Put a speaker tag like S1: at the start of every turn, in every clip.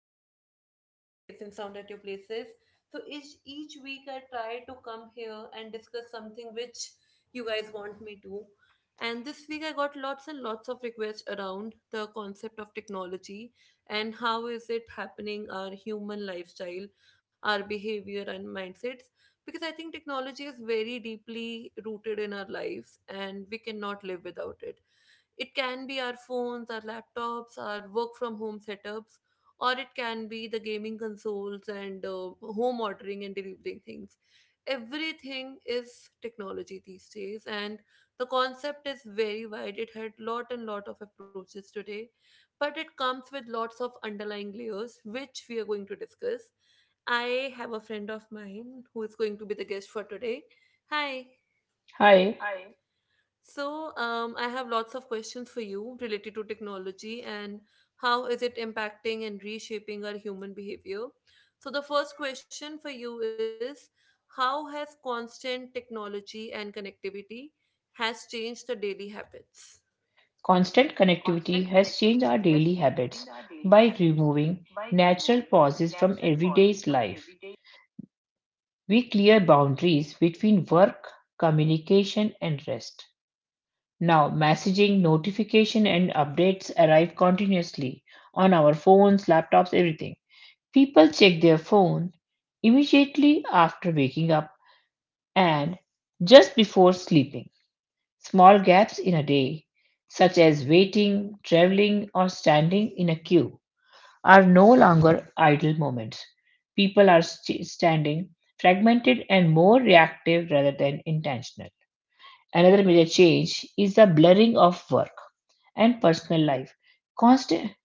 S1: I hope you guys are safe and sound at your places. So each week I try to come here and discuss something which you guys want me to. And this week I got lots and lots of requests around the concept of technology and how is it happening our human lifestyle, our behavior and mindsets because I think technology is very deeply rooted in our lives and we cannot live without it. It can be our phones, our laptops, our work from home setups, or it can be the gaming consoles and home ordering and delivering things. Everything is technology these days, and the concept is very wide. It had lot and lot of approaches today, but it comes with lots of underlying layers, which we are going to discuss. I have a friend of mine who is going to be the guest for today. Hi.
S2: Hi,
S1: Hi. So, I have lots of questions for you related to technology and how is it impacting and reshaping our human behavior. So, the first question for you is, how has constant technology and connectivity has changed the daily habits?
S2: constant connectivity
S1: Constant
S2: has changed our
S1: connectivity has
S2: daily
S1: changed our
S2: habits
S1: daily
S2: by
S1: habits
S2: removing
S1: by removing
S2: natural pauses
S1: natural
S2: from
S1: pauses
S2: everyday's
S1: from
S2: life.
S1: everyday.
S2: We clear boundaries between work, communication, and rest. Now, messaging, notification, and updates arrive continuously on our phones, laptops, everything. People check their phone immediately after waking up and just before sleeping. Small gaps in a day, such as waiting, traveling, or standing in a queue, are no longer idle moments. People are standing fragmented and more reactive rather than intentional. Another major change is the blurring of work and personal life. Constant,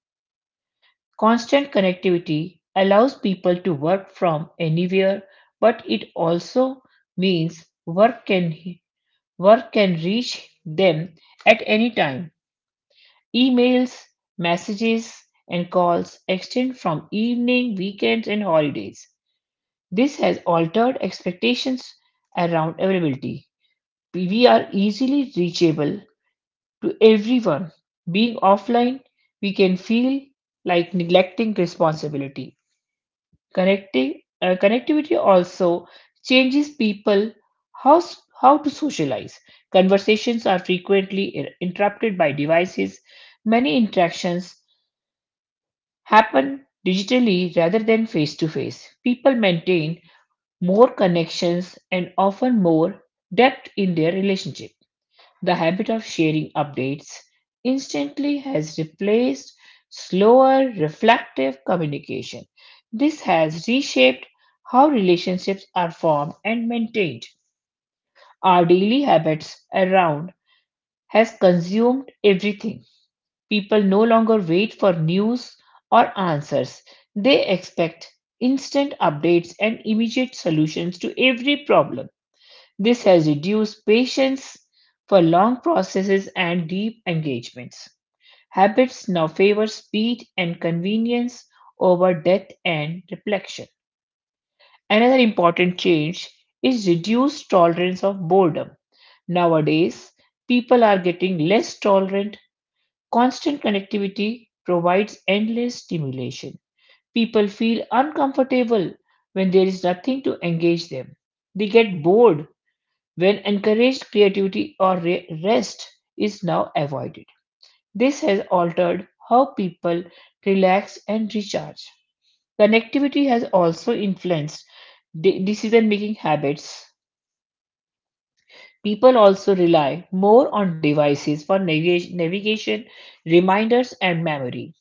S2: constant connectivity allows people to work from anywhere, but it also means work can reach them at any time. Emails, messages, and calls extend from evening, weekends, and holidays. This has altered expectations around availability. We are easily reachable to everyone. Being offline, we can feel like neglecting responsibility. Connectivity also changes people how, how to socialize. Conversations are frequently interrupted by devices. Many interactions happen digitally rather than face to face. People maintain more connections and often more depth in their relationship. The habit of sharing updates instantly has replaced slower, reflective communication. This has reshaped how relationships are formed and maintained. Our daily habits around has consumed everything. People no longer wait for news or answers. They expect instant updates and immediate solutions to every problem. This has reduced patience for long processes and deep engagements. Habits now favor speed and convenience over depth and reflection. Another important change is reduced tolerance of boredom. Nowadays, people are getting less tolerant. Constant connectivity provides endless stimulation. People feel uncomfortable when there is nothing to engage them. They get bored when encouraged creativity or rest is now avoided. This has altered how people relax and recharge. Connectivity has also influenced decision making habits. People also rely more on devices for navigation, reminders, and memory.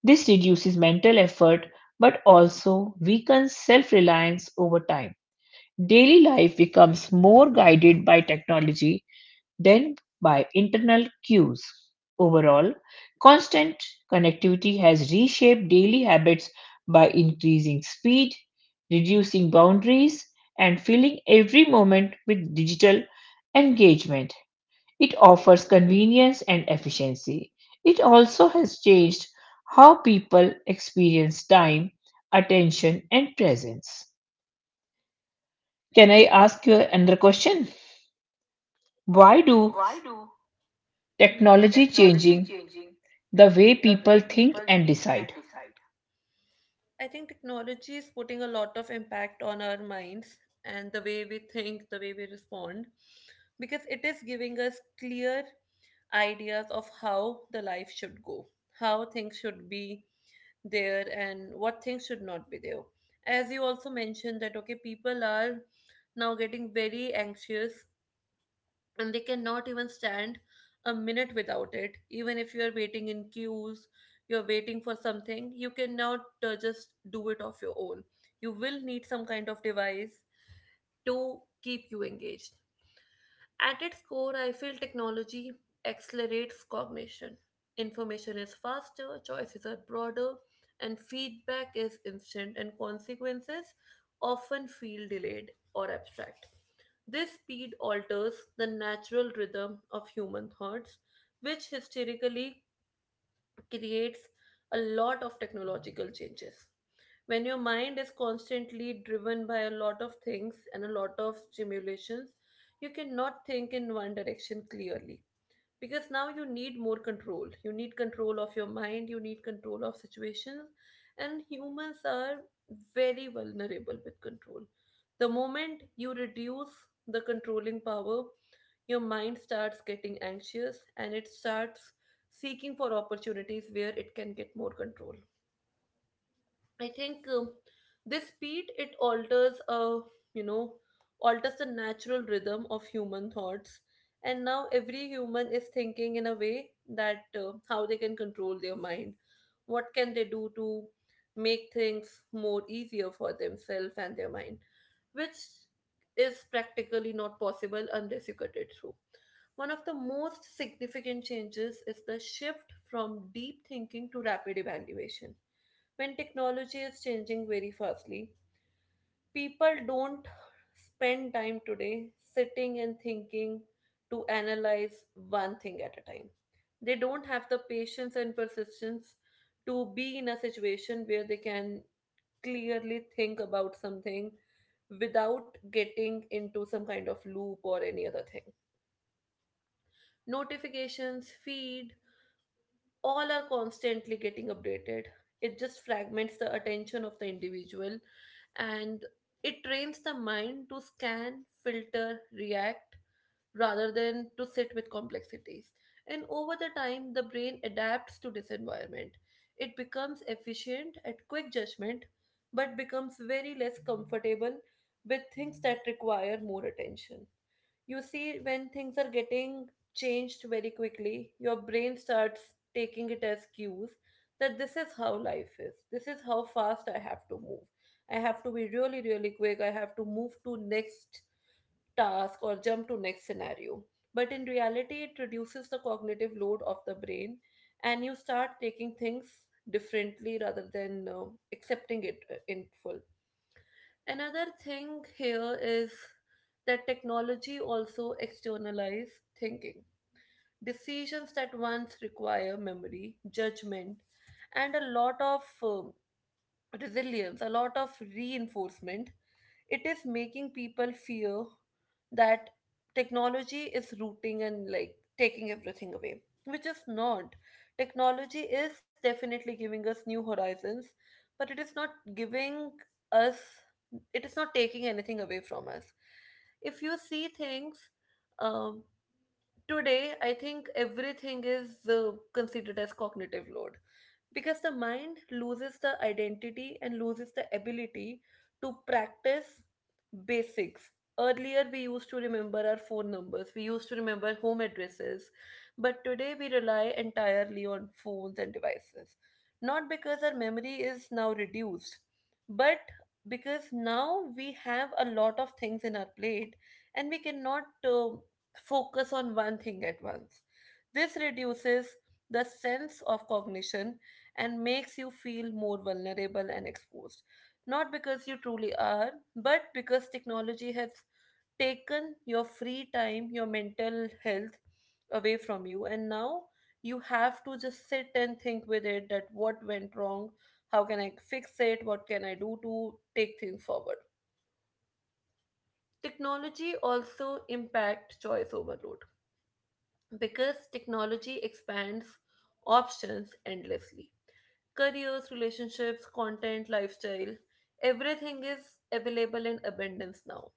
S2: This reduces mental effort but also weakens self reliance over time. Daily life becomes more guided by technology than by internal cues. Overall, constant connectivity has reshaped daily habits by increasing speed, reducing boundaries, and filling every moment with digital engagement. It offers convenience and efficiency. It also has changed how people experience time, attention, and presence. Can I ask you another question? Why do
S1: Why do Mhm.
S2: technology
S1: technology
S2: changing
S1: changing
S2: the way
S1: the
S2: people
S1: way
S2: think
S1: people
S2: and
S1: think
S2: decide?
S1: and decide? I think technology is putting a lot of impact on our minds and the way we think, the way we respond, because it is giving us clear ideas of how the life should go, how things should be there, and what things should not be there. As you also mentioned, that okay, people are now getting very anxious and they cannot even stand a minute without it, even if you're waiting in queues, you're waiting for something, you cannot just do it of your own, you will need some kind of device to keep you engaged. At its core, I feel technology accelerates cognition. Information is faster, choices are broader, and feedback is instant, and consequences often feel delayed or abstract. This speed alters the natural rhythm of human thoughts, which historically creates a lot of technological changes. When your mind is constantly driven by a lot of things and a lot of stimulations, you cannot think in one direction clearly, because now you need more control, you need control of your mind, you need control of situations, and humans are very vulnerable with control. The moment you reduce the controlling power, your mind starts getting anxious and it starts seeking for opportunities where it can get more control. I think this speed it alters you know alters the natural rhythm of human thoughts, and now every human is thinking in a way that how they can control their mind, what can they do to make things more easier for themselves and their mind, which is practically not possible unless you cut it through. One of the most significant changes is the shift from deep thinking to rapid evaluation when technology is changing very fastly. People don't spend time today sitting and thinking to analyze one thing at a time. They don't have the patience and persistence to be in a situation where they can clearly think about something without getting into some kind of loop or any other thing. Notifications, feed, all are constantly getting updated. It just fragments the attention of the individual and it trains the mind to scan, filter, react rather than to sit with complexities. And over the time, the brain adapts to this environment. It becomes efficient at quick judgment but becomes very less comfortable with things that require more attention. You see, when things are getting changed very quickly, your brain starts taking it as cues that this is how life is. This is how fast I have to move. I have to be really, really quick. I have to move to next task or jump to next scenario. But in reality, it reduces the cognitive load of the brain and you start taking things differently rather than accepting it in full. Another thing here is that technology also externalize thinking. Decisions that once require memory, judgment, and a lot of resilience, a lot of reinforcement, it is making people fear that technology is rooting and like taking everything away, which is not. Technology is definitely giving us new horizons, but it is not giving us, it is not taking anything away from us. If you see things, um, today I think everything is considered as cognitive load, because the mind loses the identity and loses the ability to practice basics. Earlier we used to remember our phone numbers, we used to remember home addresses, but today we rely entirely on phones and devices, not because our memory is now reduced, but because now we have a lot of things in our plate and we cannot focus on one thing at once. This reduces the sense of cognition and makes you feel more vulnerable and exposed. Not because you truly are, but because technology has taken your free time, your mental health away from you, and now you have to just sit and think with it that what went wrong, how can I fix it, what can I do to take things forward. Technology also impact choice overload because technology expands options endlessly, careers, relationships, content, lifestyle, everything is available in abundance now.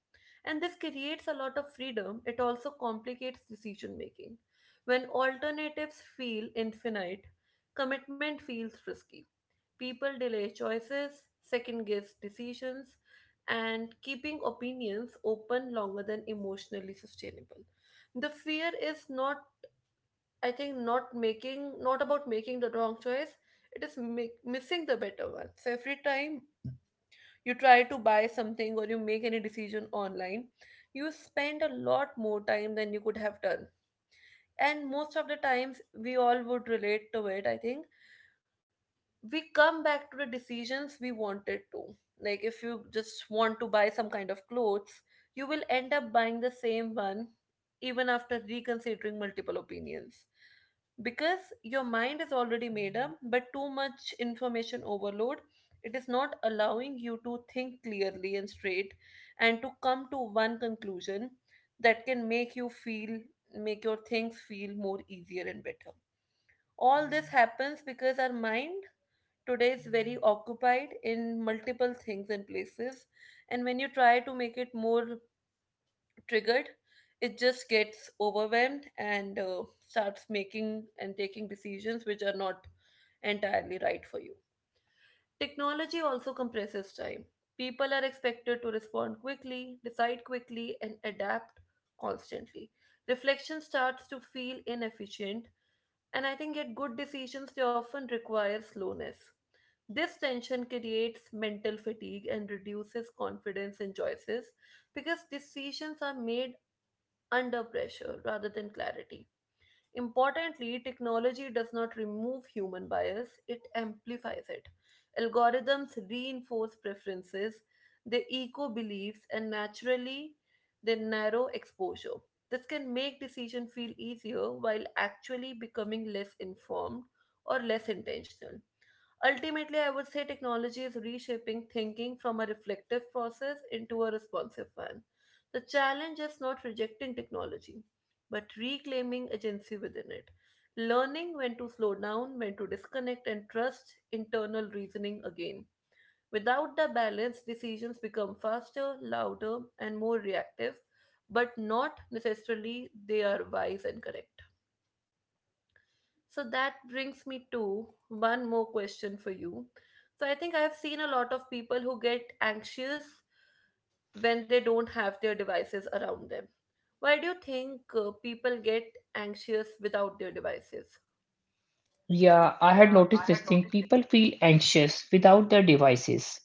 S1: And this creates a lot of freedom. It also complicates decision making. When alternatives feel infinite, commitment feels risky. People delay choices, second guess decisions, and keeping opinions open longer than emotionally sustainable. The fear is not, I think, not making, not about making the wrong choice. It is make, missing the better one. So every time you try to buy something or you make any decision online, you spend a lot more time than you could have done. And most of the times, we all would relate to it. I think we come back to the decisions we wanted to. Like if you just want to buy some kind of clothes, you will end up buying the same one even after reconsidering multiple opinions, because your mind is already made up but too much information overload, it is not allowing you to think clearly and straight and to come to one conclusion that can make you feel, make your things feel more easier and better. All this happens because our mind today is very occupied in multiple things and places, and when you try to make it more triggered, it just gets overwhelmed and starts making and taking decisions which are not entirely right for you. Technology also compresses time. People are expected to respond quickly, decide quickly, and adapt constantly. Reflection starts to feel inefficient, and I think yet good decisions they often require slowness. This tension creates mental fatigue and reduces confidence in choices because decisions are made under pressure rather than clarity. Importantly, technology does not remove human bias, it amplifies it. Algorithms reinforce preferences, they echo beliefs, and naturally, they narrow exposure. This can make decision feel easier while actually becoming less informed or less intentional. Ultimately, I would say technology is reshaping thinking from a reflective process into a responsive one. The challenge is not rejecting technology, but reclaiming agency within it. Learning when to slow down, when to disconnect, and trust internal reasoning again. Without the balance, decisions become faster, louder, and more reactive, but not necessarily they are wise and correct. So that brings me to one more question for you. So I think I have seen a lot of people who get anxious when they don't have their devices around them. Why do you think people get anxious without their devices?
S2: Yeah, I had
S1: Yeah,
S2: noticed
S1: I
S2: this
S1: had
S2: thing.
S1: noticed it.
S2: People feel anxious without their devices.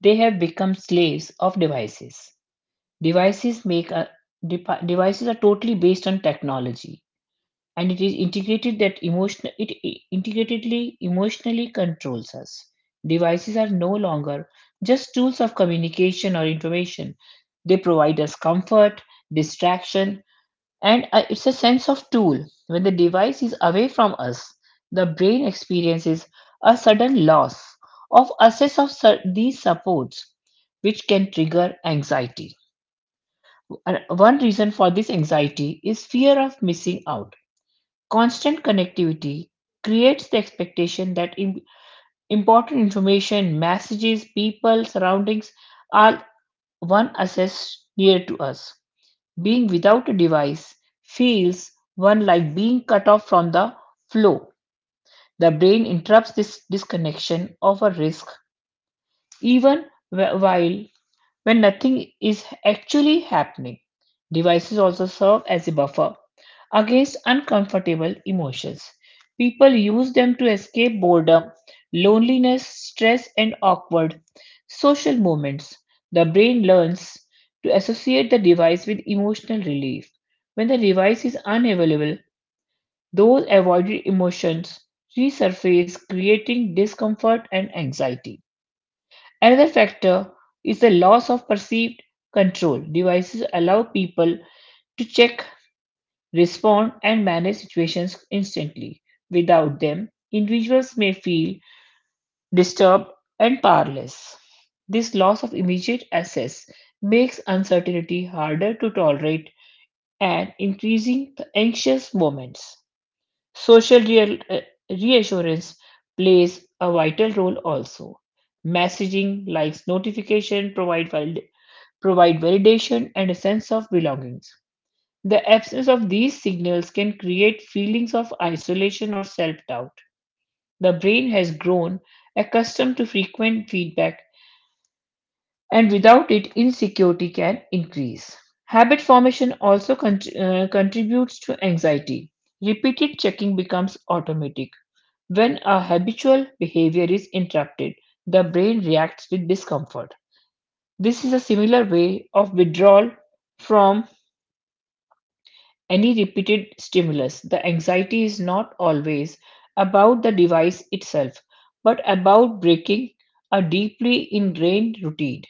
S2: They have become slaves of devices. Devices make a devices are totally based on technology, and it is integrated that emotional it I- integratedly emotionally controls us. Devices are no longer just tools of communication or information. They provide us comfort, distraction, and it's a sense of tool. When the device is away from us, the brain experiences a sudden loss of access of these supports, which can trigger anxiety. And one reason for this anxiety is fear of missing out. Constant connectivity creates the expectation that important information, messages, people, surroundings are one assess near to us. Being without a device feels one like being cut off from the flow. The brain interrupts this disconnection of a risk, even while when nothing is actually happening. Devices also serve as a buffer against uncomfortable emotions. People use them to escape boredom, loneliness, stress, and awkward social moments. The brain learns to associate the device with emotional relief. When the device is unavailable, those avoided emotions resurface, creating discomfort and anxiety. Another factor is the loss of perceived control. Devices allow people to check, respond, and manage situations instantly. Without them, individuals may feel disturbed and powerless. This loss of immediate access makes uncertainty harder to tolerate and increasing the anxious moments. Social reassurance plays a vital role also. Messaging like notification provide validation and a sense of belongings. The absence of these signals can create feelings of isolation or self doubt. The brain has grown accustomed to frequent feedback, and without it, insecurity can increase. Habit formation also contributes to anxiety. Repeated checking becomes automatic. When a habitual behavior is interrupted, the brain reacts with discomfort. This is a similar way of withdrawal from any repeated stimulus. The anxiety is not always about the device itself, but about breaking a deeply ingrained routine.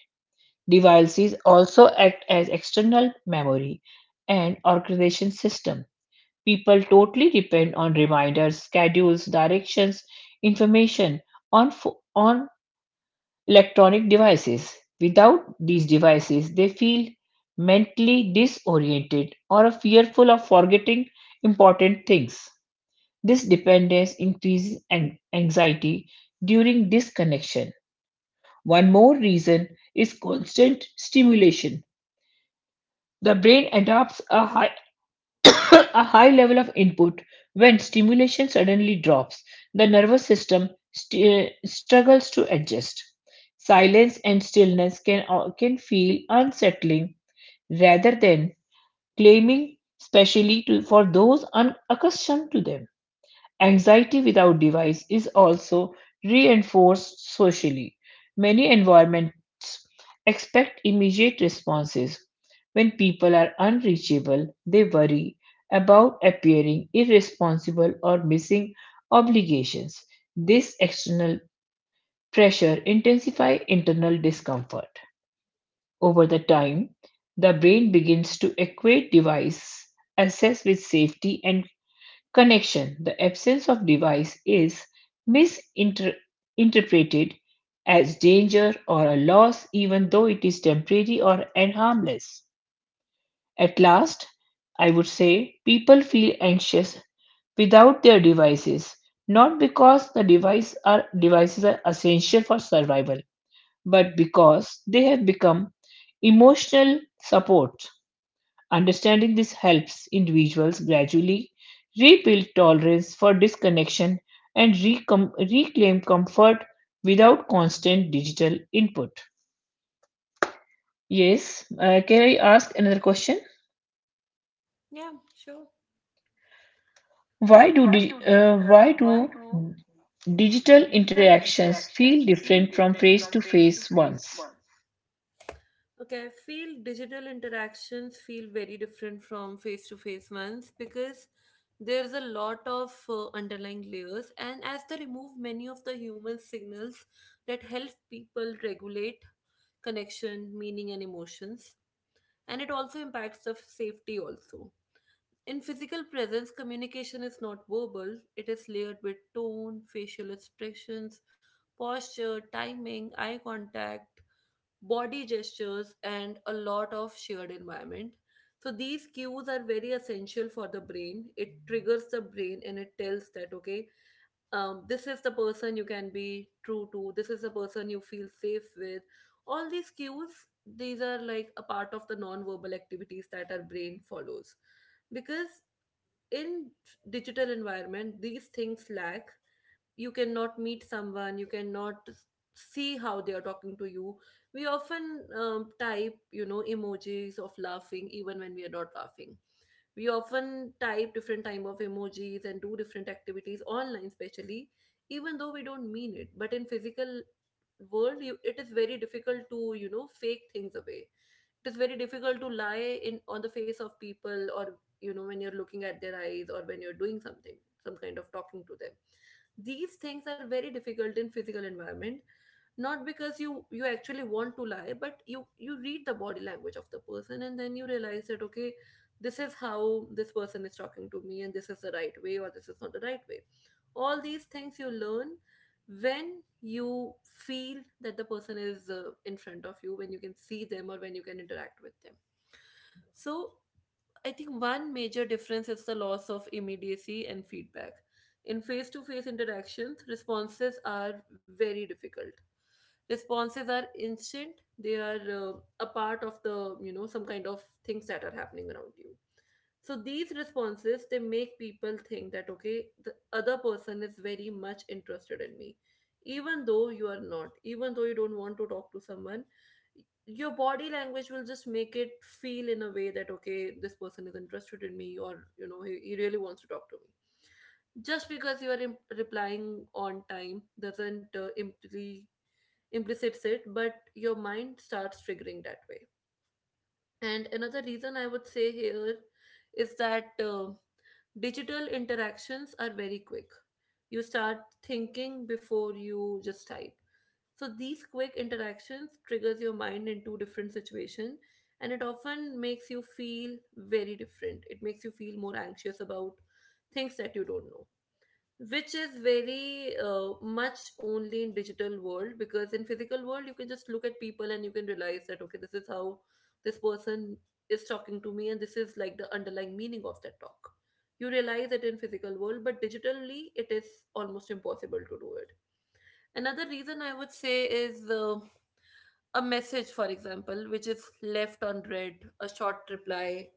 S2: Devices also act as external memory and organization system. People totally depend on reminders, schedules, directions, information on electronic devices. Without these devices, they feel mentally disoriented or fearful of forgetting important things. This dependence increases anxiety during disconnection. One more reason is constant stimulation. The brain adopts a a high level of input. When stimulation suddenly drops, the nervous system struggles to adjust. Silence and stillness can feel unsettling rather than claiming, especially to, for those unaccustomed to them. Anxiety without device is also reinforced socially. Many environments expect immediate responses. When people are unreachable, they worry about appearing irresponsible or missing obligations. This external pressure intensifies internal discomfort. Over the time, the brain begins to equate device access with safety and connection. The absence of device is misinterpreted as danger or a loss, even though it is temporary or and harmless. At last, I would say people feel anxious without their devices, not because the devices are essential for survival, but because they have become emotional support. Understanding this helps individuals gradually rebuild tolerance for disconnection and reclaim comfort without constant digital input. Yes, can I ask another question?
S1: Yeah, sure. Why do di-
S2: Why
S1: uh,
S2: do
S1: why do
S2: digital
S1: digital
S2: interactions feel
S1: interactions feel
S2: different from
S1: different
S2: face
S1: from
S2: to
S1: face to
S2: face
S1: face
S2: ones?
S1: ones? Okay, I feel digital interactions feel very different from face to face ones because there's a lot of underlying layers, and as they remove many of the human signals that help people regulate connection, meaning, and emotions, and it also impacts the safety also. In physical presence, communication is not verbal, it is layered with tone, facial expressions, posture, timing, eye contact, body gestures, and a lot of shared environment. So, these cues are very essential for the brain. It triggers the brain and it tells that, okay, this is the person you can be true to, this is the person you feel safe with. All these cues, these are like a part of the non verbal activities that our brain follows because in digital environment these things lack. You cannot meet someone, you cannot see how they are talking to you. We often type emojis of laughing even when we are not laughing. We often type different type of emojis and do different activities online, especially even though we don't mean it. But in physical world you, it is very difficult to fake things away. It is very difficult to lie in on the face of people, or you know when you're looking at their eyes or when you're doing something, some kind of talking to them. These things are very difficult in physical environment, not because you actually want to lie, but you read the body language of the person and then you realize that okay, this is how this person is talking to me, and this is the right way or this is not the right way. All these things you learn when you feel that the person is in front of you, when you can see them or when you can interact with them. So I think one major difference is the loss of immediacy and feedback. In face to face interactions, responses are very difficult. Responses are instant, they are a part of the, you know, some kind of things that are happening around you. So these responses, they make people think that, okay, the other person is very much interested in me. Even though you are not, even though you don't want to talk to someone, your body language will just make it feel in a way that okay, this person is interested in me, or you know he really wants to talk to me, just because you are replying on time doesn't implicits it, but your mind starts triggering that way. And another reason I would say here is that digital interactions are very quick. You start thinking before you just type. So these quick interactions triggers your mind into different situation, and it often makes you feel very different. It makes you feel more anxious about things that you don't know, which is very much only in digital world, because in physical world you can just look at people and you can realize that okay, this is how this person is talking to me, and this is like the underlying meaning of that talk. You realize it in physical world, but digitally it is almost impossible to do it. Another reason I would say is a message, for example, which is left unread, a short reply,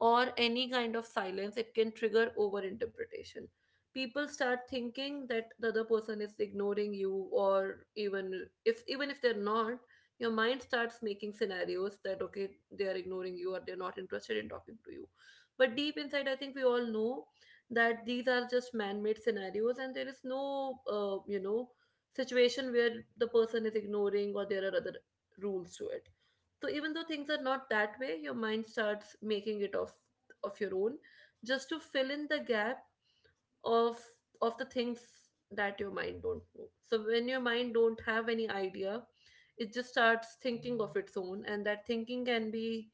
S1: or any kind of silence, it can trigger overinterpretation. People start thinking that the other person is ignoring you, or even if they're not, your mind starts making scenarios that okay, they are ignoring you or they're not interested in talking to you. But deep inside, I think we all know that these are just man-made scenarios, and there is no situation where the person is ignoring, or there are other rules to it. So even though things are not that way, your mind starts making it of your own, just to fill in the gap of the things that your mind don't know. So when your mind don't have any idea, it just starts thinking of its own, and that thinking can be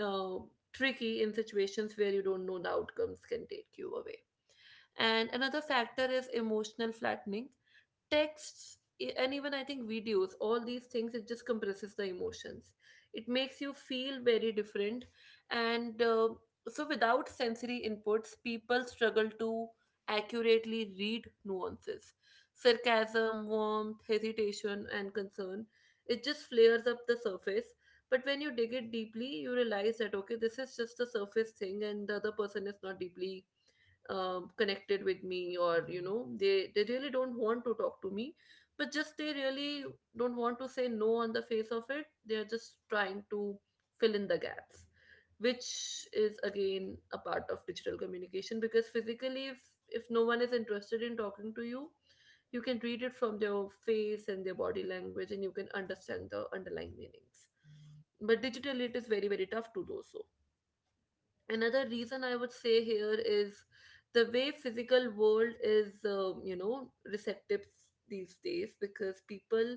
S1: uh, tricky in situations where you don't know, the outcomes can take you away. And another factor is emotional flattening. Texts and even I think videos, all these things, it just compresses the emotions. It makes you feel very different. And so without sensory inputs, people struggle to accurately read nuances, sarcasm, warmth, hesitation and concern. It just flares up the surface, but when you dig it deeply you realize that okay, this is just a surface thing and the other person is not deeply connected with me, or you know they really don't want to talk to me, but just they really don't want to say no on the face of it. They are just trying to fill in the gaps, which is again a part of digital communication, because physically if no one is interested in talking to you, you can read it from their face and their body language, and you can understand the underlying meanings. But digitally it is very very tough to do so. Another reason I would say here is the way physical world is you know receptive these days, because people,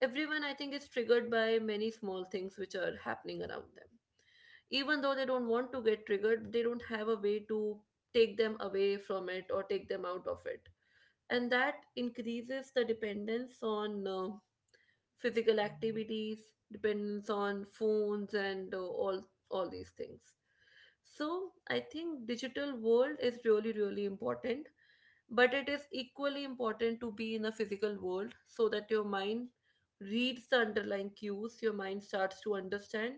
S1: everyone I think is triggered by many small things which are happening around them. Even though they don't want to get triggered, they don't have a way to take them away from it or take them out of it. And that increases the dependence on physical activities, dependence on phones and all these things. So I think digital world is really really important, but it is equally important to be in a physical world, so that your mind reads the underlying cues, your mind starts to understand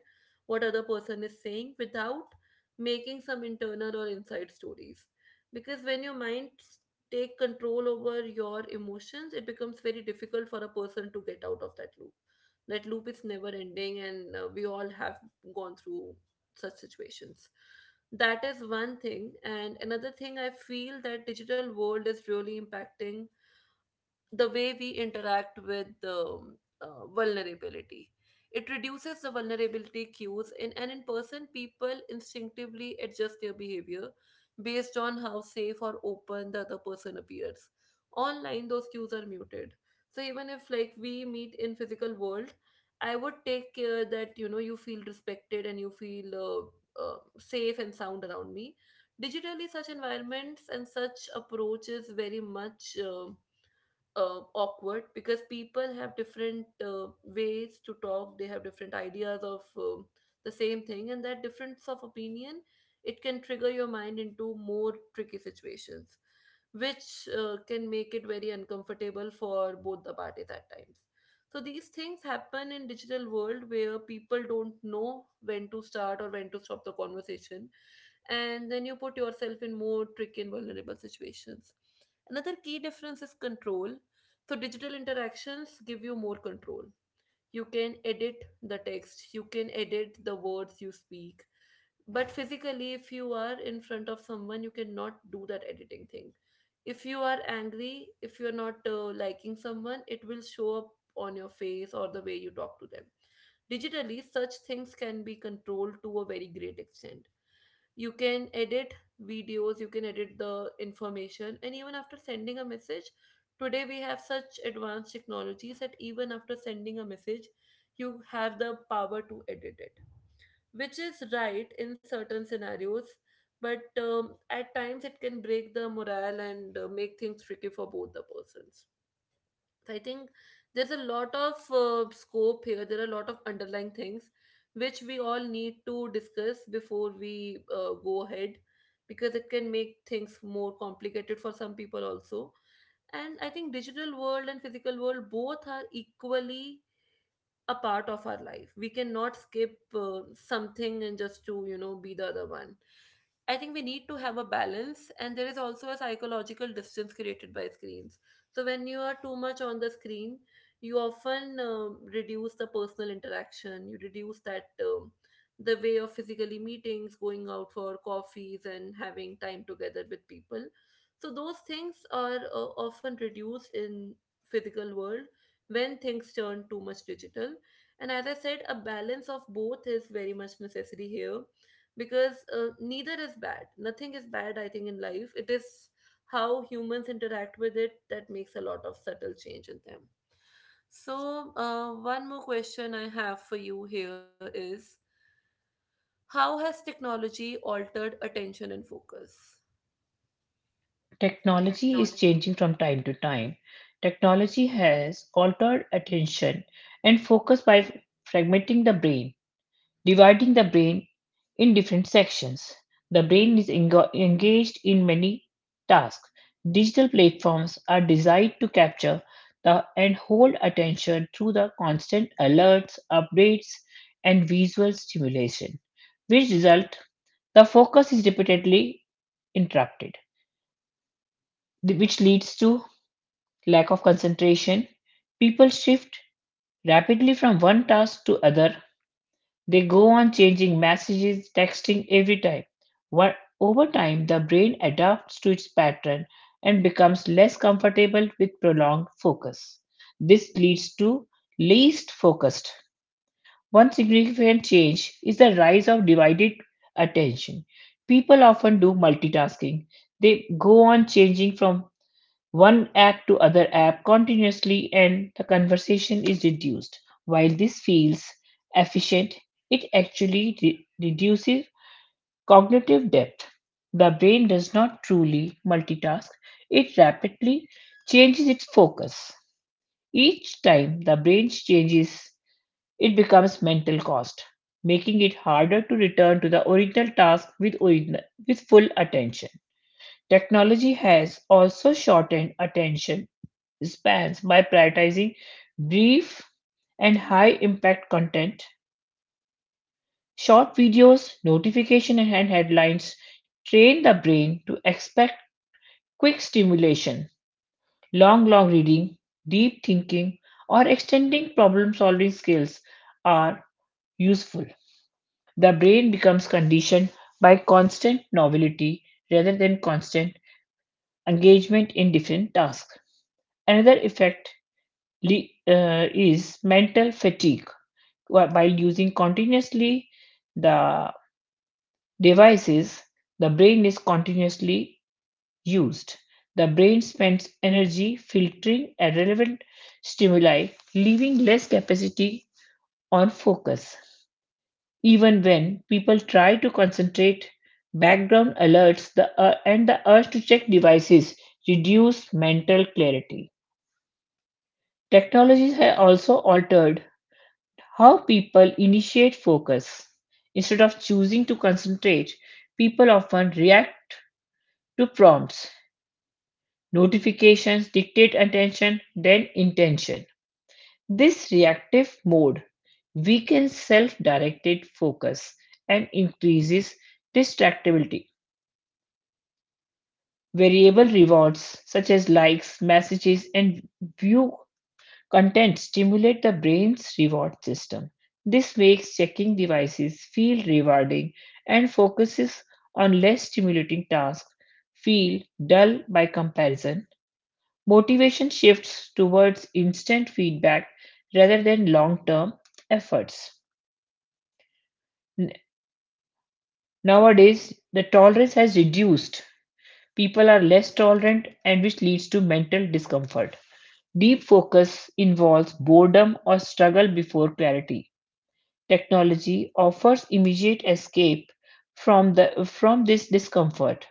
S1: what other person is saying without making some internal or inside stories. Because when your mind take control over your emotions, it becomes very difficult for a person to get out of that loop. That loop is never ending, and we all have gone through such situations. That is one thing, and another thing I feel that digital world is really impacting the way we interact with vulnerability. It reduces the vulnerability cues, in, and in person, people instinctively adjust their behavior based on how safe or open the other person appears. Online, those cues are muted. So even if like we meet in physical world, I would take care that you know you feel respected and you feel safe and sound around me. Digitally, such environments and such approach is very much. Awkward, because people have different ways to talk, they have different ideas of the same thing, and that difference of opinion, it can trigger your mind into more tricky situations, which can make it very uncomfortable for both the parties at times. So these things happen in digital world where people don't know when to start or when to stop the conversation, and then you put yourself in more tricky and vulnerable situations. Another key difference is control. So digital interactions give you more control. You can edit the text, you can edit the words you speak, but physically if you are in front of someone you cannot do that editing thing. If you are angry, if you are not liking someone, it will show up on your face or the way you talk to them. Digitally such things can be controlled to a very great extent. You can edit videos, you can edit the information, and even after sending a message, today we have such advanced technologies that even after sending a message, you have the power to edit it, which is right in certain scenarios, but at times it can break the morale and make things tricky for both the persons. So I think there's a lot of scope here. There are a lot of underlying things which we all need to discuss before we go ahead, because it can make things more complicated for some people also. And I think digital world and physical world both are equally a part of our life. We cannot skip something and just to you know be the other one. I think we need to have a balance, and there is also a psychological distance created by screens. So, when you are too much on the screen, you often reduce the personal interaction, you reduce that the way of physically meetings, going out for coffees, and having time together with people. So, those things are often reduced in physical world when things turn too much digital. And as I said, a balance of both is very much necessary here, because neither is bad, nothing is bad, I think in life it is how humans interact with it that makes a lot of subtle change in them. So one more question I have for you here is, how has technology altered attention and focus?
S2: Technology
S1: Technology.
S2: is changing from time to time. Technology has altered attention and focus by fragmenting the brain, dividing the brain in different sections. The brain is engaged in many tasks. Digital platforms are designed to capture the and hold attention through the constant alerts, updates, and visual stimulation, which result the focus is repeatedly interrupted, which leads to lack of concentration. People shift rapidly from one task to other. They go on changing messages, texting every time. What? Over time, the brain adapts to its pattern and becomes less comfortable with prolonged focus. This leads to least focused. One significant change is the rise of divided attention. People often do multitasking. They go on changing from one app to other app continuously, and the conversation is reduced. While this feels efficient, it actually reduces cognitive depth. The brain does not truly multitask, it rapidly changes its focus. Each time the brain changes, it becomes mental cost, making it harder to return to the original task with full attention. Technology has also shortened attention spans by prioritizing brief and high impact content. Short videos, notification, and headlines train the brain to expect quick stimulation. Long reading, deep thinking, or extending problem solving skills are useful. The brain becomes conditioned by constant novelty rather than constant engagement in different tasks. Another effect is mental fatigue. While using continuously the devices, the brain is continuously used. The brain spends energy filtering irrelevant stimuli, leaving less capacity on focus. Even when people try to concentrate, background alerts and the urge to check devices reduce mental clarity. Technologies have also altered how people initiate focus. Instead of choosing to concentrate, people often react to prompts. Notifications dictate attention, then intention. This reactive mode weakens self directed focus and increases distractibility. Variable rewards such as likes, messages, and view content stimulate the brain's reward system. This makes checking devices feel rewarding and focuses on less stimulating tasks feel dull by comparison. Motivation shifts towards instant feedback rather than long-term efforts. N- Nowadays, the tolerance has reduced. People are less tolerant and which leads to mental discomfort. Deep focus involves boredom or struggle before clarity. Technology offers immediate escape from this discomfort.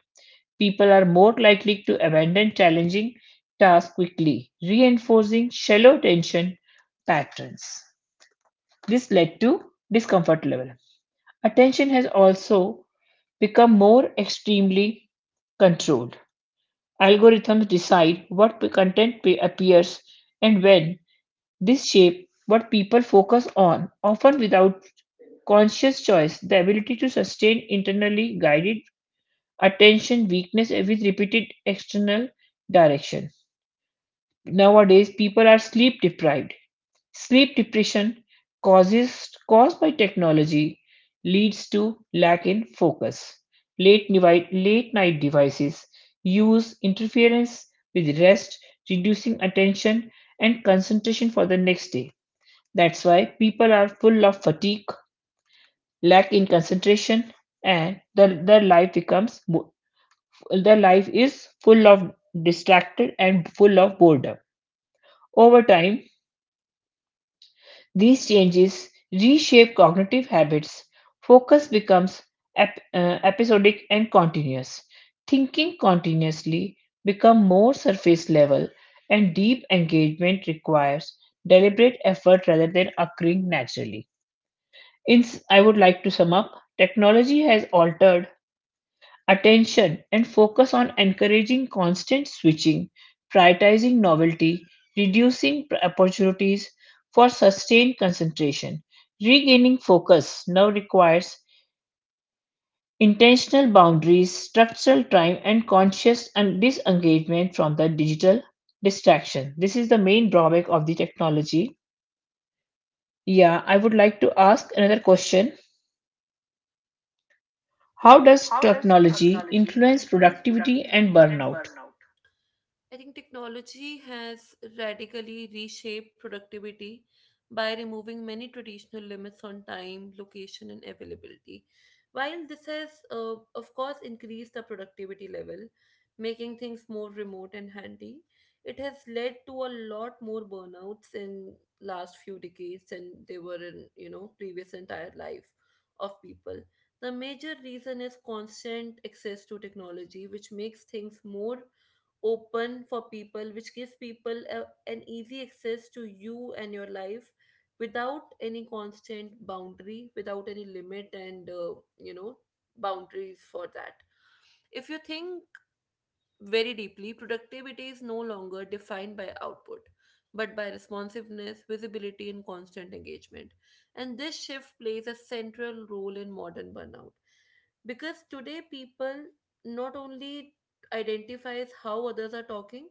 S2: People are more likely to abandon challenging tasks quickly, reinforcing shallow tension patterns. This led to discomfort level. Attention has also become more extremely controlled. Algorithms decide what content appears and when. This shape what people focus on, often without conscious choice. The ability to sustain internally guided attention weakness with repeated external direction. Nowadays, people are sleep deprived. Sleep depression causes caused by technology leads to lack in focus. Late night devices use interference with rest, reducing attention and concentration for the next day. That's why people are full of fatigue, lack in concentration, and their life becomes their life is full of distracted and full of boredom. Over time, these changes reshape cognitive habits. Focus becomes episodic and continuous. Thinking continuously become more surface level, and deep engagement requires deliberate effort rather than occurring naturally. In, I would like to sum up, technology has altered attention and focus on encouraging constant switching, prioritizing novelty, reducing opportunities for sustained concentration. Regaining focus now requires intentional boundaries, structural time, and conscious and disengagement from the digital distraction. This is the main drawback of the technology. Yeah, I would like to ask another question. How
S1: Yeah.
S2: does
S1: How does
S2: technology
S1: technology
S2: influence
S1: influence
S2: productivity and
S1: productivity and
S2: burnout?
S1: burnout? I think technology has radically reshaped productivity by removing many traditional limits on time, location, and availability. While this has, of course, increased the productivity level, making things more remote and handy, it has led to a lot more burnouts in last few decades than they were in you know previous entire life of people. The major reason is constant access to technology, which makes things more open for people, which gives people a, an easy access to you and your life, without any constant boundary, without any limit, and you know boundaries for that. If you think very deeply, productivity is no longer defined by output, but by responsiveness, visibility, and constant engagement. And this shift plays a central role in modern burnout because today people not only identifies how others are talking.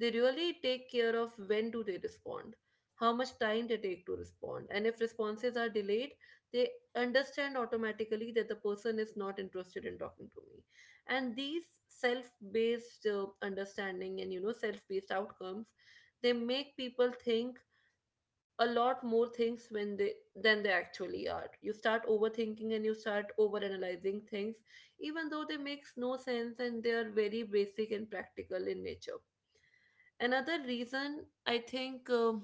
S1: They really take care of when do they respond, how much time they take to respond, and if responses are delayed they understand automatically that the person is not interested in talking to me. And these self-based understanding and self-based outcomes, they make people think a lot more things when they, than they actually are. You start overthinking and you start overanalyzing things even though they makes no sense and they are very basic and practical in nature. Another reason I think,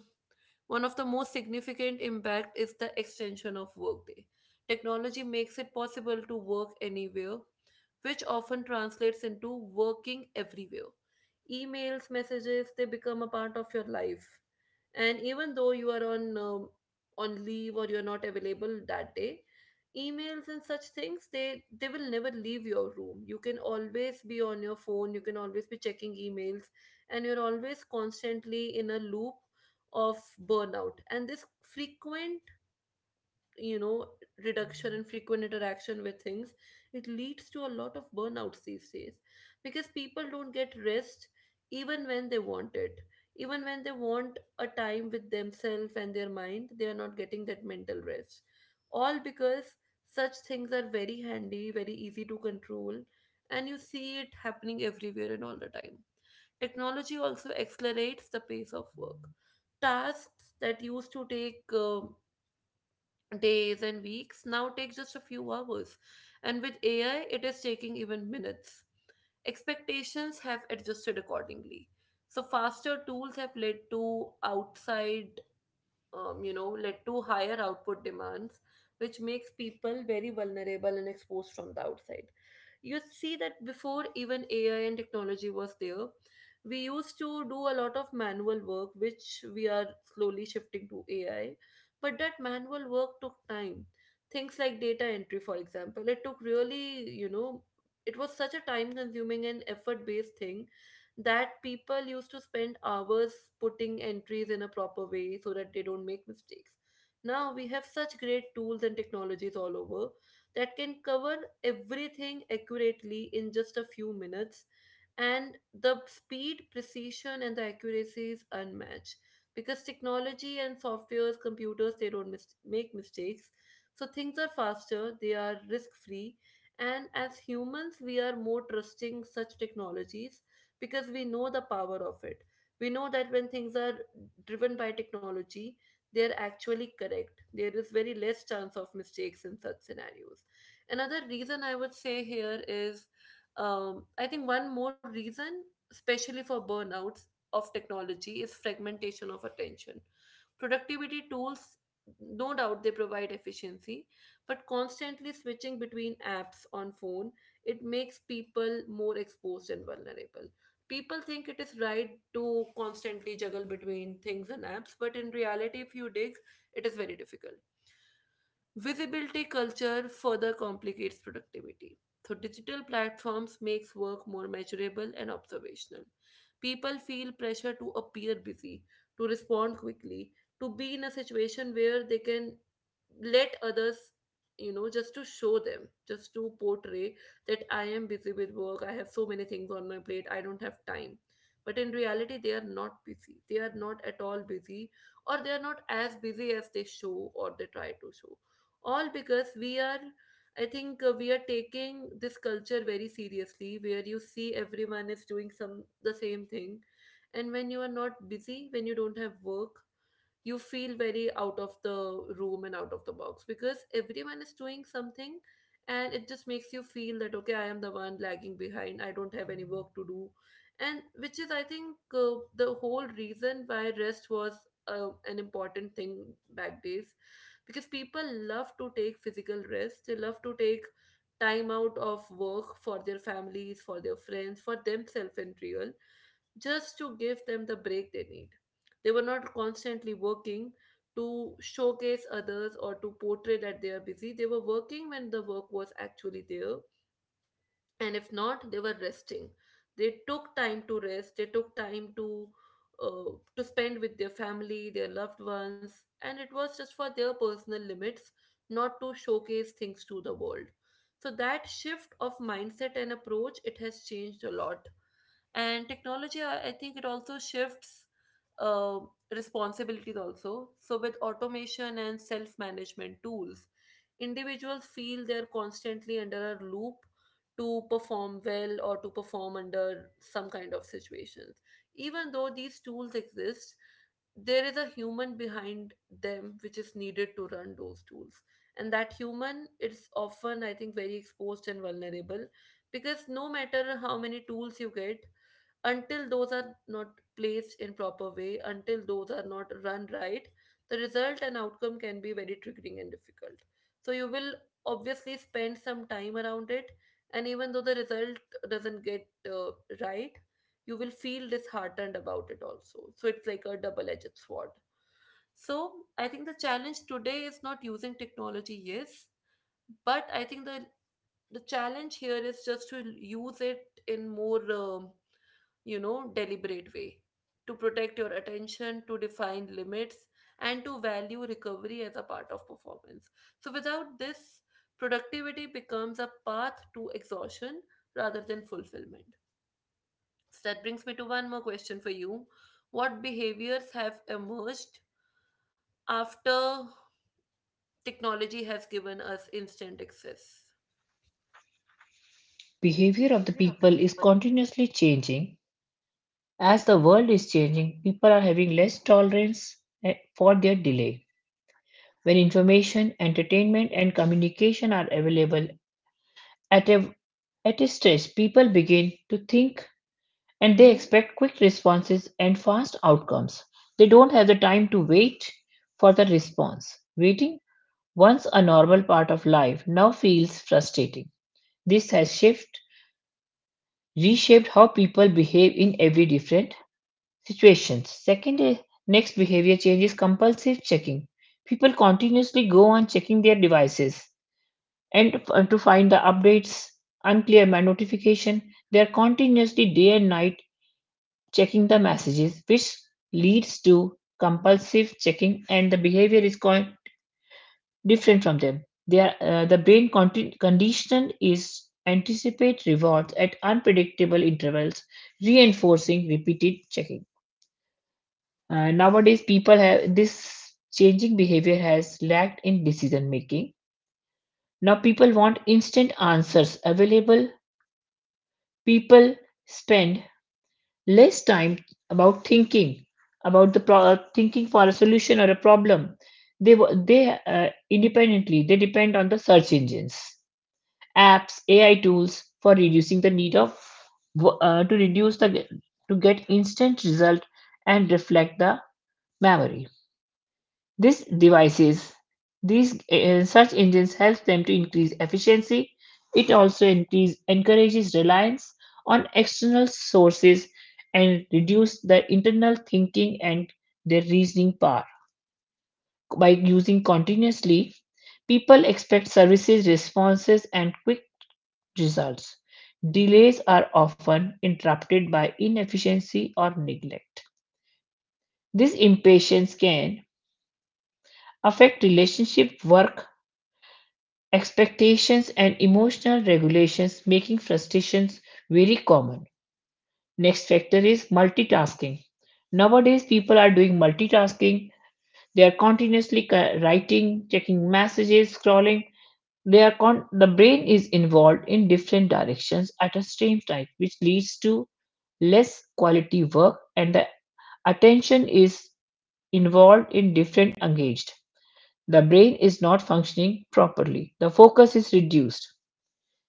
S1: one of the most significant impact is the extension of workday. Technology makes it possible to work anywhere, which often translates into working everywhere. Emails, messages, they become a part of your life. And even though you are on leave or you're not available that day, emails and such things they will never leave your room. You can always be on your phone, you can always be checking emails, and you're always constantly in a loop of burnout. And this frequent, you know reduction in frequent interaction with things, it leads to a lot of burnouts these days because people don't get rest even when they want it, even when they want a time with themselves and their mind. They are not getting that mental rest, all because such things are very handy, very easy to control, and you see it happening everywhere and all the time. Technology also accelerates the pace of work. Tasks that used to take days and weeks now take just a few hours, and with AI, it is taking even minutes. Expectations have adjusted accordingly. So, faster tools have led to outside, led to higher output demands, which makes people very vulnerable and exposed from the outside. You see that before even AI and technology was there, we used to do a lot of manual work, which we are slowly shifting to AI. But that manual work took time. Things like data entry, for example, it took really, it was such a time consuming and effort based thing that people used to spend hours putting entries in a proper way so that they don't make mistakes. Now we have such great tools and technologies all over that can cover everything accurately in just a few minutes, and the speed, precision, and the accuracy is unmatched because technology and softwares, computers, they don't make mistakes. So things are faster, they are risk free, and as humans, we are more trusting such technologies because we know the power of it. We know that when things are driven by technology, they are actually correct. There is very less chance of mistakes in such scenarios. Another reason I would say here is, I think one more reason, especially for burnouts of technology, is fragmentation of attention. Productivity tools, no doubt, they provide efficiency, but constantly switching between apps on phone, it makes people more exposed and vulnerable. People think it is right to constantly juggle between things and apps, but in reality, if you dig, it is very difficult. Visibility culture further complicates productivity. So digital platforms makes work more measurable and observational. People feel pressure to appear busy, to respond quickly, to be in a situation where they can let others, just to show them, just to portray that I am busy with work, I have so many things on my plate, I don't have time. But in reality they are not busy, they are not at all busy, or they are not as busy as they show or they try to show. All because we are, I think, we are taking this culture very seriously, where you see everyone is doing some the same thing. And when you are not busy, when you don't have work, you feel very out of the room and out of the box because everyone is doing something. And it just makes you feel that okay, I am the one lagging behind, I don't have any work to do. And which is, I think, the whole reason why rest was an important thing back days, because people love to take physical rest, they love to take time out of work for their families, for their friends, for themselves, in real, just to give them the break they need. They were not constantly working to showcase others or to portray that they are busy. They were working when the work was actually there, and if not, they were resting. They took time to rest, they took time to, to spend with their family, their loved ones, and it was just for their personal limits, not to showcase things to the world. So that shift of mindset and approach, it has changed a lot. And technology, I think it also shifts uh, responsibilities also. So with automation and self-management tools, individuals feel they're constantly under a loop to perform well or to perform under some kind of situations. Even though these tools exist, there is a human behind them which is needed to run those tools, and that human is often, I think, very exposed and vulnerable. Because no matter how many tools you get, until those are not placed in proper way, until those are not run right, the result and outcome can be very triggering and difficult. So you will obviously spend some time around it, and even though the result doesn't get right, you will feel disheartened about it also. So it's like a double edged sword. So I think the challenge today is not using technology, yes, but I think the challenge here is just to use it in more, deliberate way, to protect your attention, to define limits, and to value recovery as a part of performance. So, without this, productivity becomes a path to exhaustion rather than fulfillment. So, that brings me to one more question for you. What behaviors have emerged after technology has given us instant access?
S2: Behavior of the
S1: Behavior of the
S2: people is
S1: people.
S2: continuously changing. As the world is changing, people are having less tolerance for their delay. When information, entertainment, and communication are available at a, at a stretch, people begin to think and they expect quick responses and fast outcomes. They don't have the time to wait for the response. Waiting, once a normal part of life, now feels frustrating. This has shifted reshaped how people behave in every different situations. Second, is next behavior change is compulsive checking. People continuously go on checking their devices and to find the updates, unclear notification. They are continuously day and night checking the messages, which leads to compulsive checking, and the behavior is quite different from them. They are, the brain condition is anticipate rewards at unpredictable intervals, reinforcing repeated checking. Nowadays, people have this changing behavior has lacked in decision making. Now, people want instant answers available. People spend less time about thinking thinking for a solution or a problem. They independently they depend on the search engines, apps, AI tools for reducing the need of to reduce the to get instant result and reflect the memory. These devices, these search engines help them to increase efficiency. It also increase, encourages reliance on external sources and reduce the internal thinking and their reasoning power. By using continuously, people expect services, responses, and quick results. Delays are often interrupted by inefficiency or neglect. This impatience can affect relationship, work, expectations and emotional regulations making frustrations very common. Next factor is multitasking. Nowadays, people are doing multitasking. They are continuously writing, checking messages, scrolling. The brain is involved in different directions at a same time, which leads to less quality work and the attention is involved in different engaged. The brain is not functioning properly. The focus is reduced.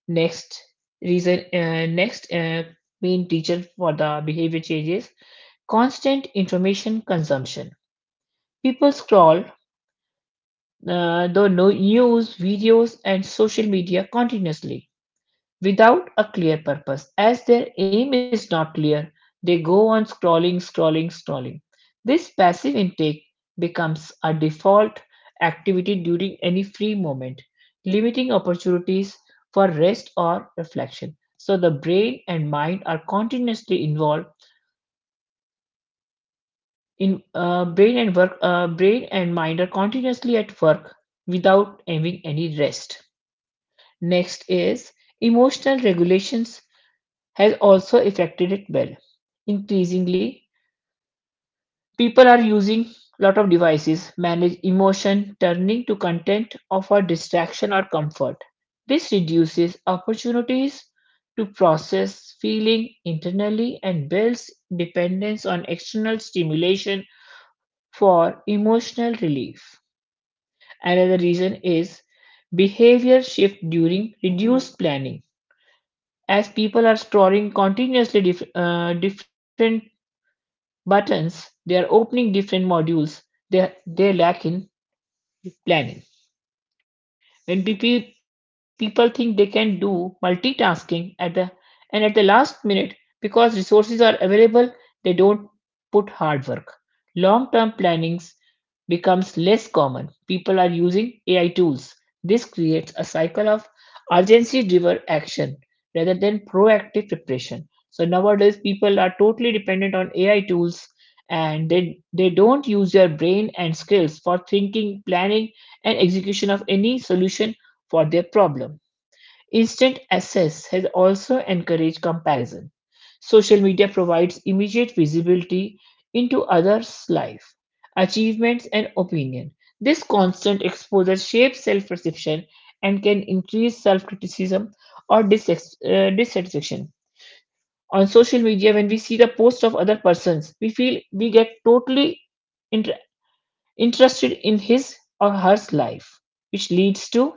S2: Next reason, next main teacher for the behavior changes constant information consumption. People scroll the no- news, videos, and social media continuously without a clear purpose. As their aim is not clear, they go on scrolling, scrolling, scrolling. This passive intake becomes a default activity during any free moment, limiting opportunities for rest or reflection. So the brain and mind are continuously involved in brain and mind are continuously at work without having any rest. Next is emotional regulations has also affected it well. Increasingly, people are using a lot of devices, manage emotion, turning to content of offer distraction or comfort. This reduces opportunities to process feeling internally and builds dependence on external stimulation for emotional relief. Another reason is behavior shift during reduced planning. As people are storing continuously different buttons, they are opening different modules they lack in planning when people think they can do multitasking at the and at the last minute because resources are available they don't put hard work, long term plannings becomes less common, people are using AI tools. This creates a cycle of urgency driven action rather than proactive preparation. So nowadays people are totally dependent on AI tools and they don't use their brain and skills for thinking planning and execution of any solution for their problem. Instant access has also encouraged comparison. Social media provides immediate visibility into others' life, achievements, and opinion. This constant exposure shapes self perception and can increase self criticism or dissatisfaction. On social media, when we see the posts of other persons, we feel we get totally inter- interested in his or her life, which leads to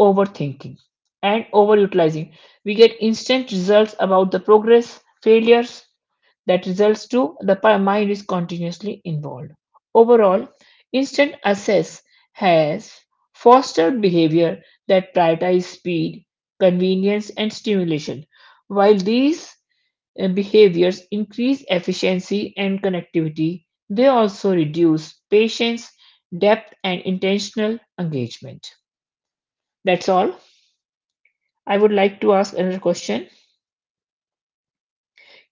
S2: overthinking and overutilizing. We get instant results about the progress failures that results to the mind is continuously involved. Overall instant access has fostered behavior that prioritize speed, convenience and stimulation. While these behaviors increase efficiency and connectivity, they also reduce patience, depth and intentional engagement. That's all. I would like to ask another question.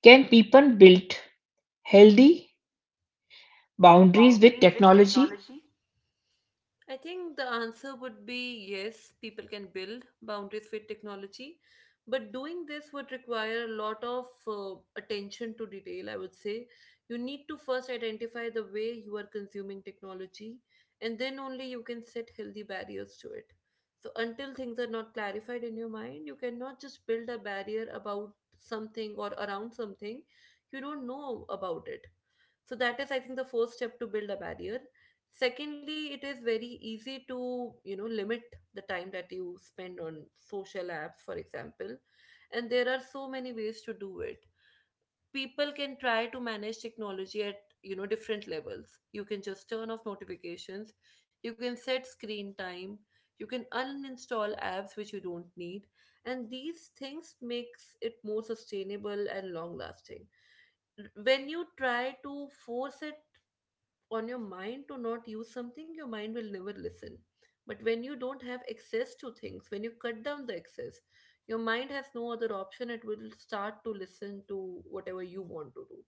S2: Can people build healthy boundaries with
S1: Boundaries with
S2: technology?
S1: technology. I think the answer would be yes, people can build boundaries with technology, but doing this would require a lot of attention to detail, I would say. You need to first identify the way you are consuming technology, and then only you can set healthy barriers to it. So, until things are not clarified in your mind, you cannot just build a barrier about something or around something you don't know about it. So that is, I think, the first step to build a barrier. Secondly, it is very easy to, limit the time that you spend on social apps, for example. And there are so many ways to do it. People can try to manage technology at, different levels. You can just turn off notifications, you can set screen time, you can uninstall apps which you don't need. And these things makes it more sustainable and long lasting. When you try to force it on your mind to not use something, your mind will never listen. But when you don't have access to things, when you cut down the access, your mind has no other option. It will start to listen to whatever you want to do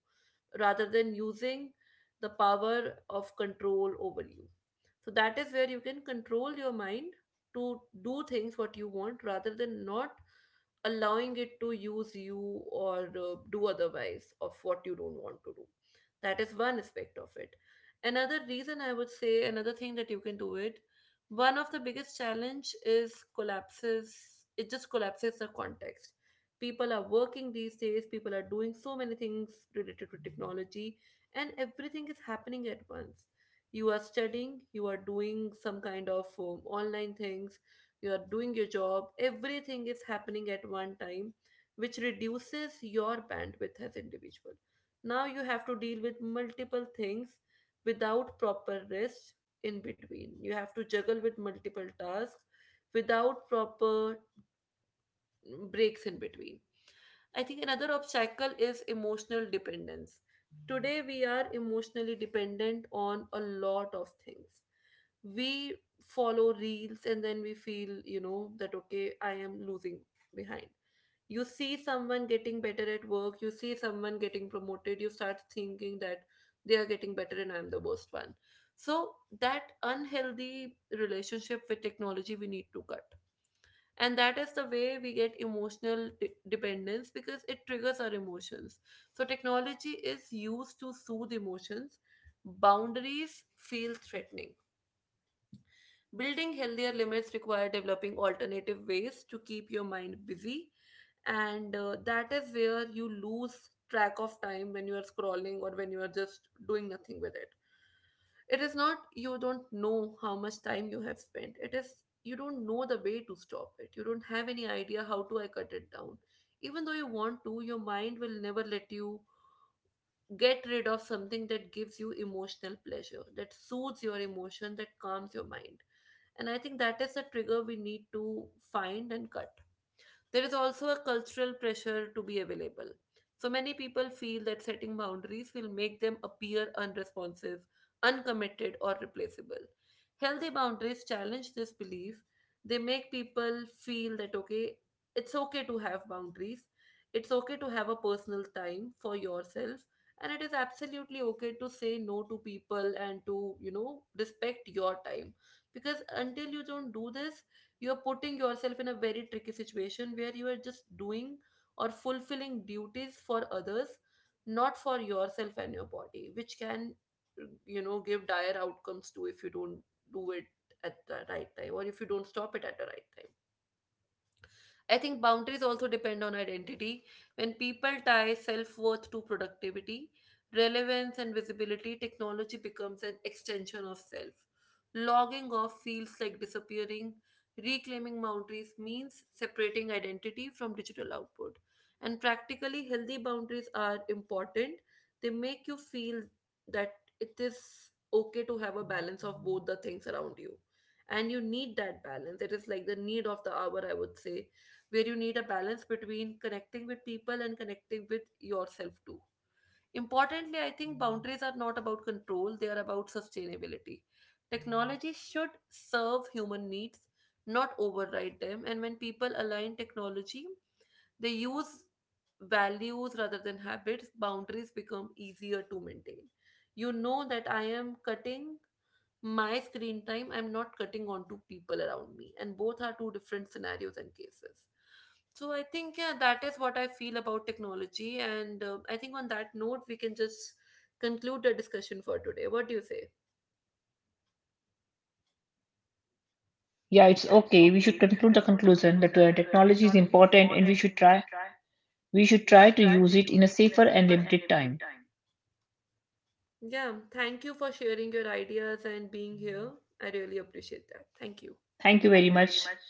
S1: rather than using the power of control over you. So that is where you can control your mind to do things what you want, rather than not allowing it to use you or, do otherwise of what you don't want to do. That is one aspect of it. Another reason I would say, another thing that you can do it, one of the biggest challenge is collapses. It just collapses the context. People are working these days, people are doing so many things related to technology, and everything is happening at once. You are studying, you are doing some kind of, online things, you are doing your job. Everything is happening at one time, which reduces your bandwidth as individual. Now you have to deal with multiple things without proper rest in between. You have to juggle with multiple tasks without proper breaks in between. I think another obstacle is emotional dependence. Today, we are emotionally dependent on a lot of things. We follow reels, and then we feel, that okay, I am losing behind. You see someone getting better at work, you see someone getting promoted, you start thinking that they are getting better and I'm the worst one. So, that unhealthy relationship with technology we need to cut. And that is the way we get emotional dependence, because it triggers our emotions. So technology is used to soothe emotions, boundaries feel threatening. Building healthier limits require developing alternative ways to keep your mind busy. And, that is where you lose track of time when you are scrolling or when you are just doing nothing with it. It is not, you don't know how much time you have spent. It is, you don't know the way to stop it. You don't have any idea how do I cut it down. Even though you want to, your mind will never let you get rid of something that gives you emotional pleasure, that soothes your emotion, that calms your mind. And I think that is the trigger we need to find and cut. There is also a cultural pressure to be available. So many people feel that setting boundaries will make them appear unresponsive, uncommitted, or replaceable. Healthy boundaries challenge this belief. They make people feel that, okay, it's okay to have boundaries, it's okay to have a personal time for yourself, and it is absolutely okay to say no to people and to, respect your time. Because until you don't do this, you are putting yourself in a very tricky situation where you are just doing or fulfilling duties for others, not for yourself and your body, which can, give dire outcomes to if you don't do it at the right time or if you don't stop it at the right time. I think boundaries also depend on identity. When people tie self worth to productivity, relevance, and visibility, technology becomes an extension of self. Logging off feels like disappearing. Reclaiming boundaries means separating identity from digital output. And practically, healthy boundaries are important. They make you feel that it is okay to have a balance of both the things around you. And you need that balance, it is like the need of the hour, I would say, where you need a balance between connecting with people and connecting with yourself too. Importantly, I think boundaries are not about control, they are about sustainability. Technology should serve human needs, not override them. And when people align technology, they use values rather than habits, boundaries become easier to maintain. You know that I am cutting my screen time, I'm not cutting onto people around me, and both are two different scenarios and cases. So I think yeah, that is what I feel about technology. And, I think on that note we can just conclude the discussion for today. What do you say?
S2: Yeah, it's
S1: Yeah, it's
S2: okay. We should
S1: okay. We should
S2: conclude the
S1: conclude the
S2: conclusion that
S1: conclusion that,
S2: technology is
S1: technology is
S2: important and
S1: important and we should try,
S2: we should
S1: we
S2: try
S1: should
S2: to
S1: try to
S2: use it in
S1: use
S2: a
S1: it in a
S2: safer and
S1: safer and
S2: limited
S1: limited
S2: time.
S1: time. Yeah, thank you for sharing your ideas and being here. I really appreciate that. Thank you.
S2: Thank you very
S1: Thank you very
S2: much.
S1: much.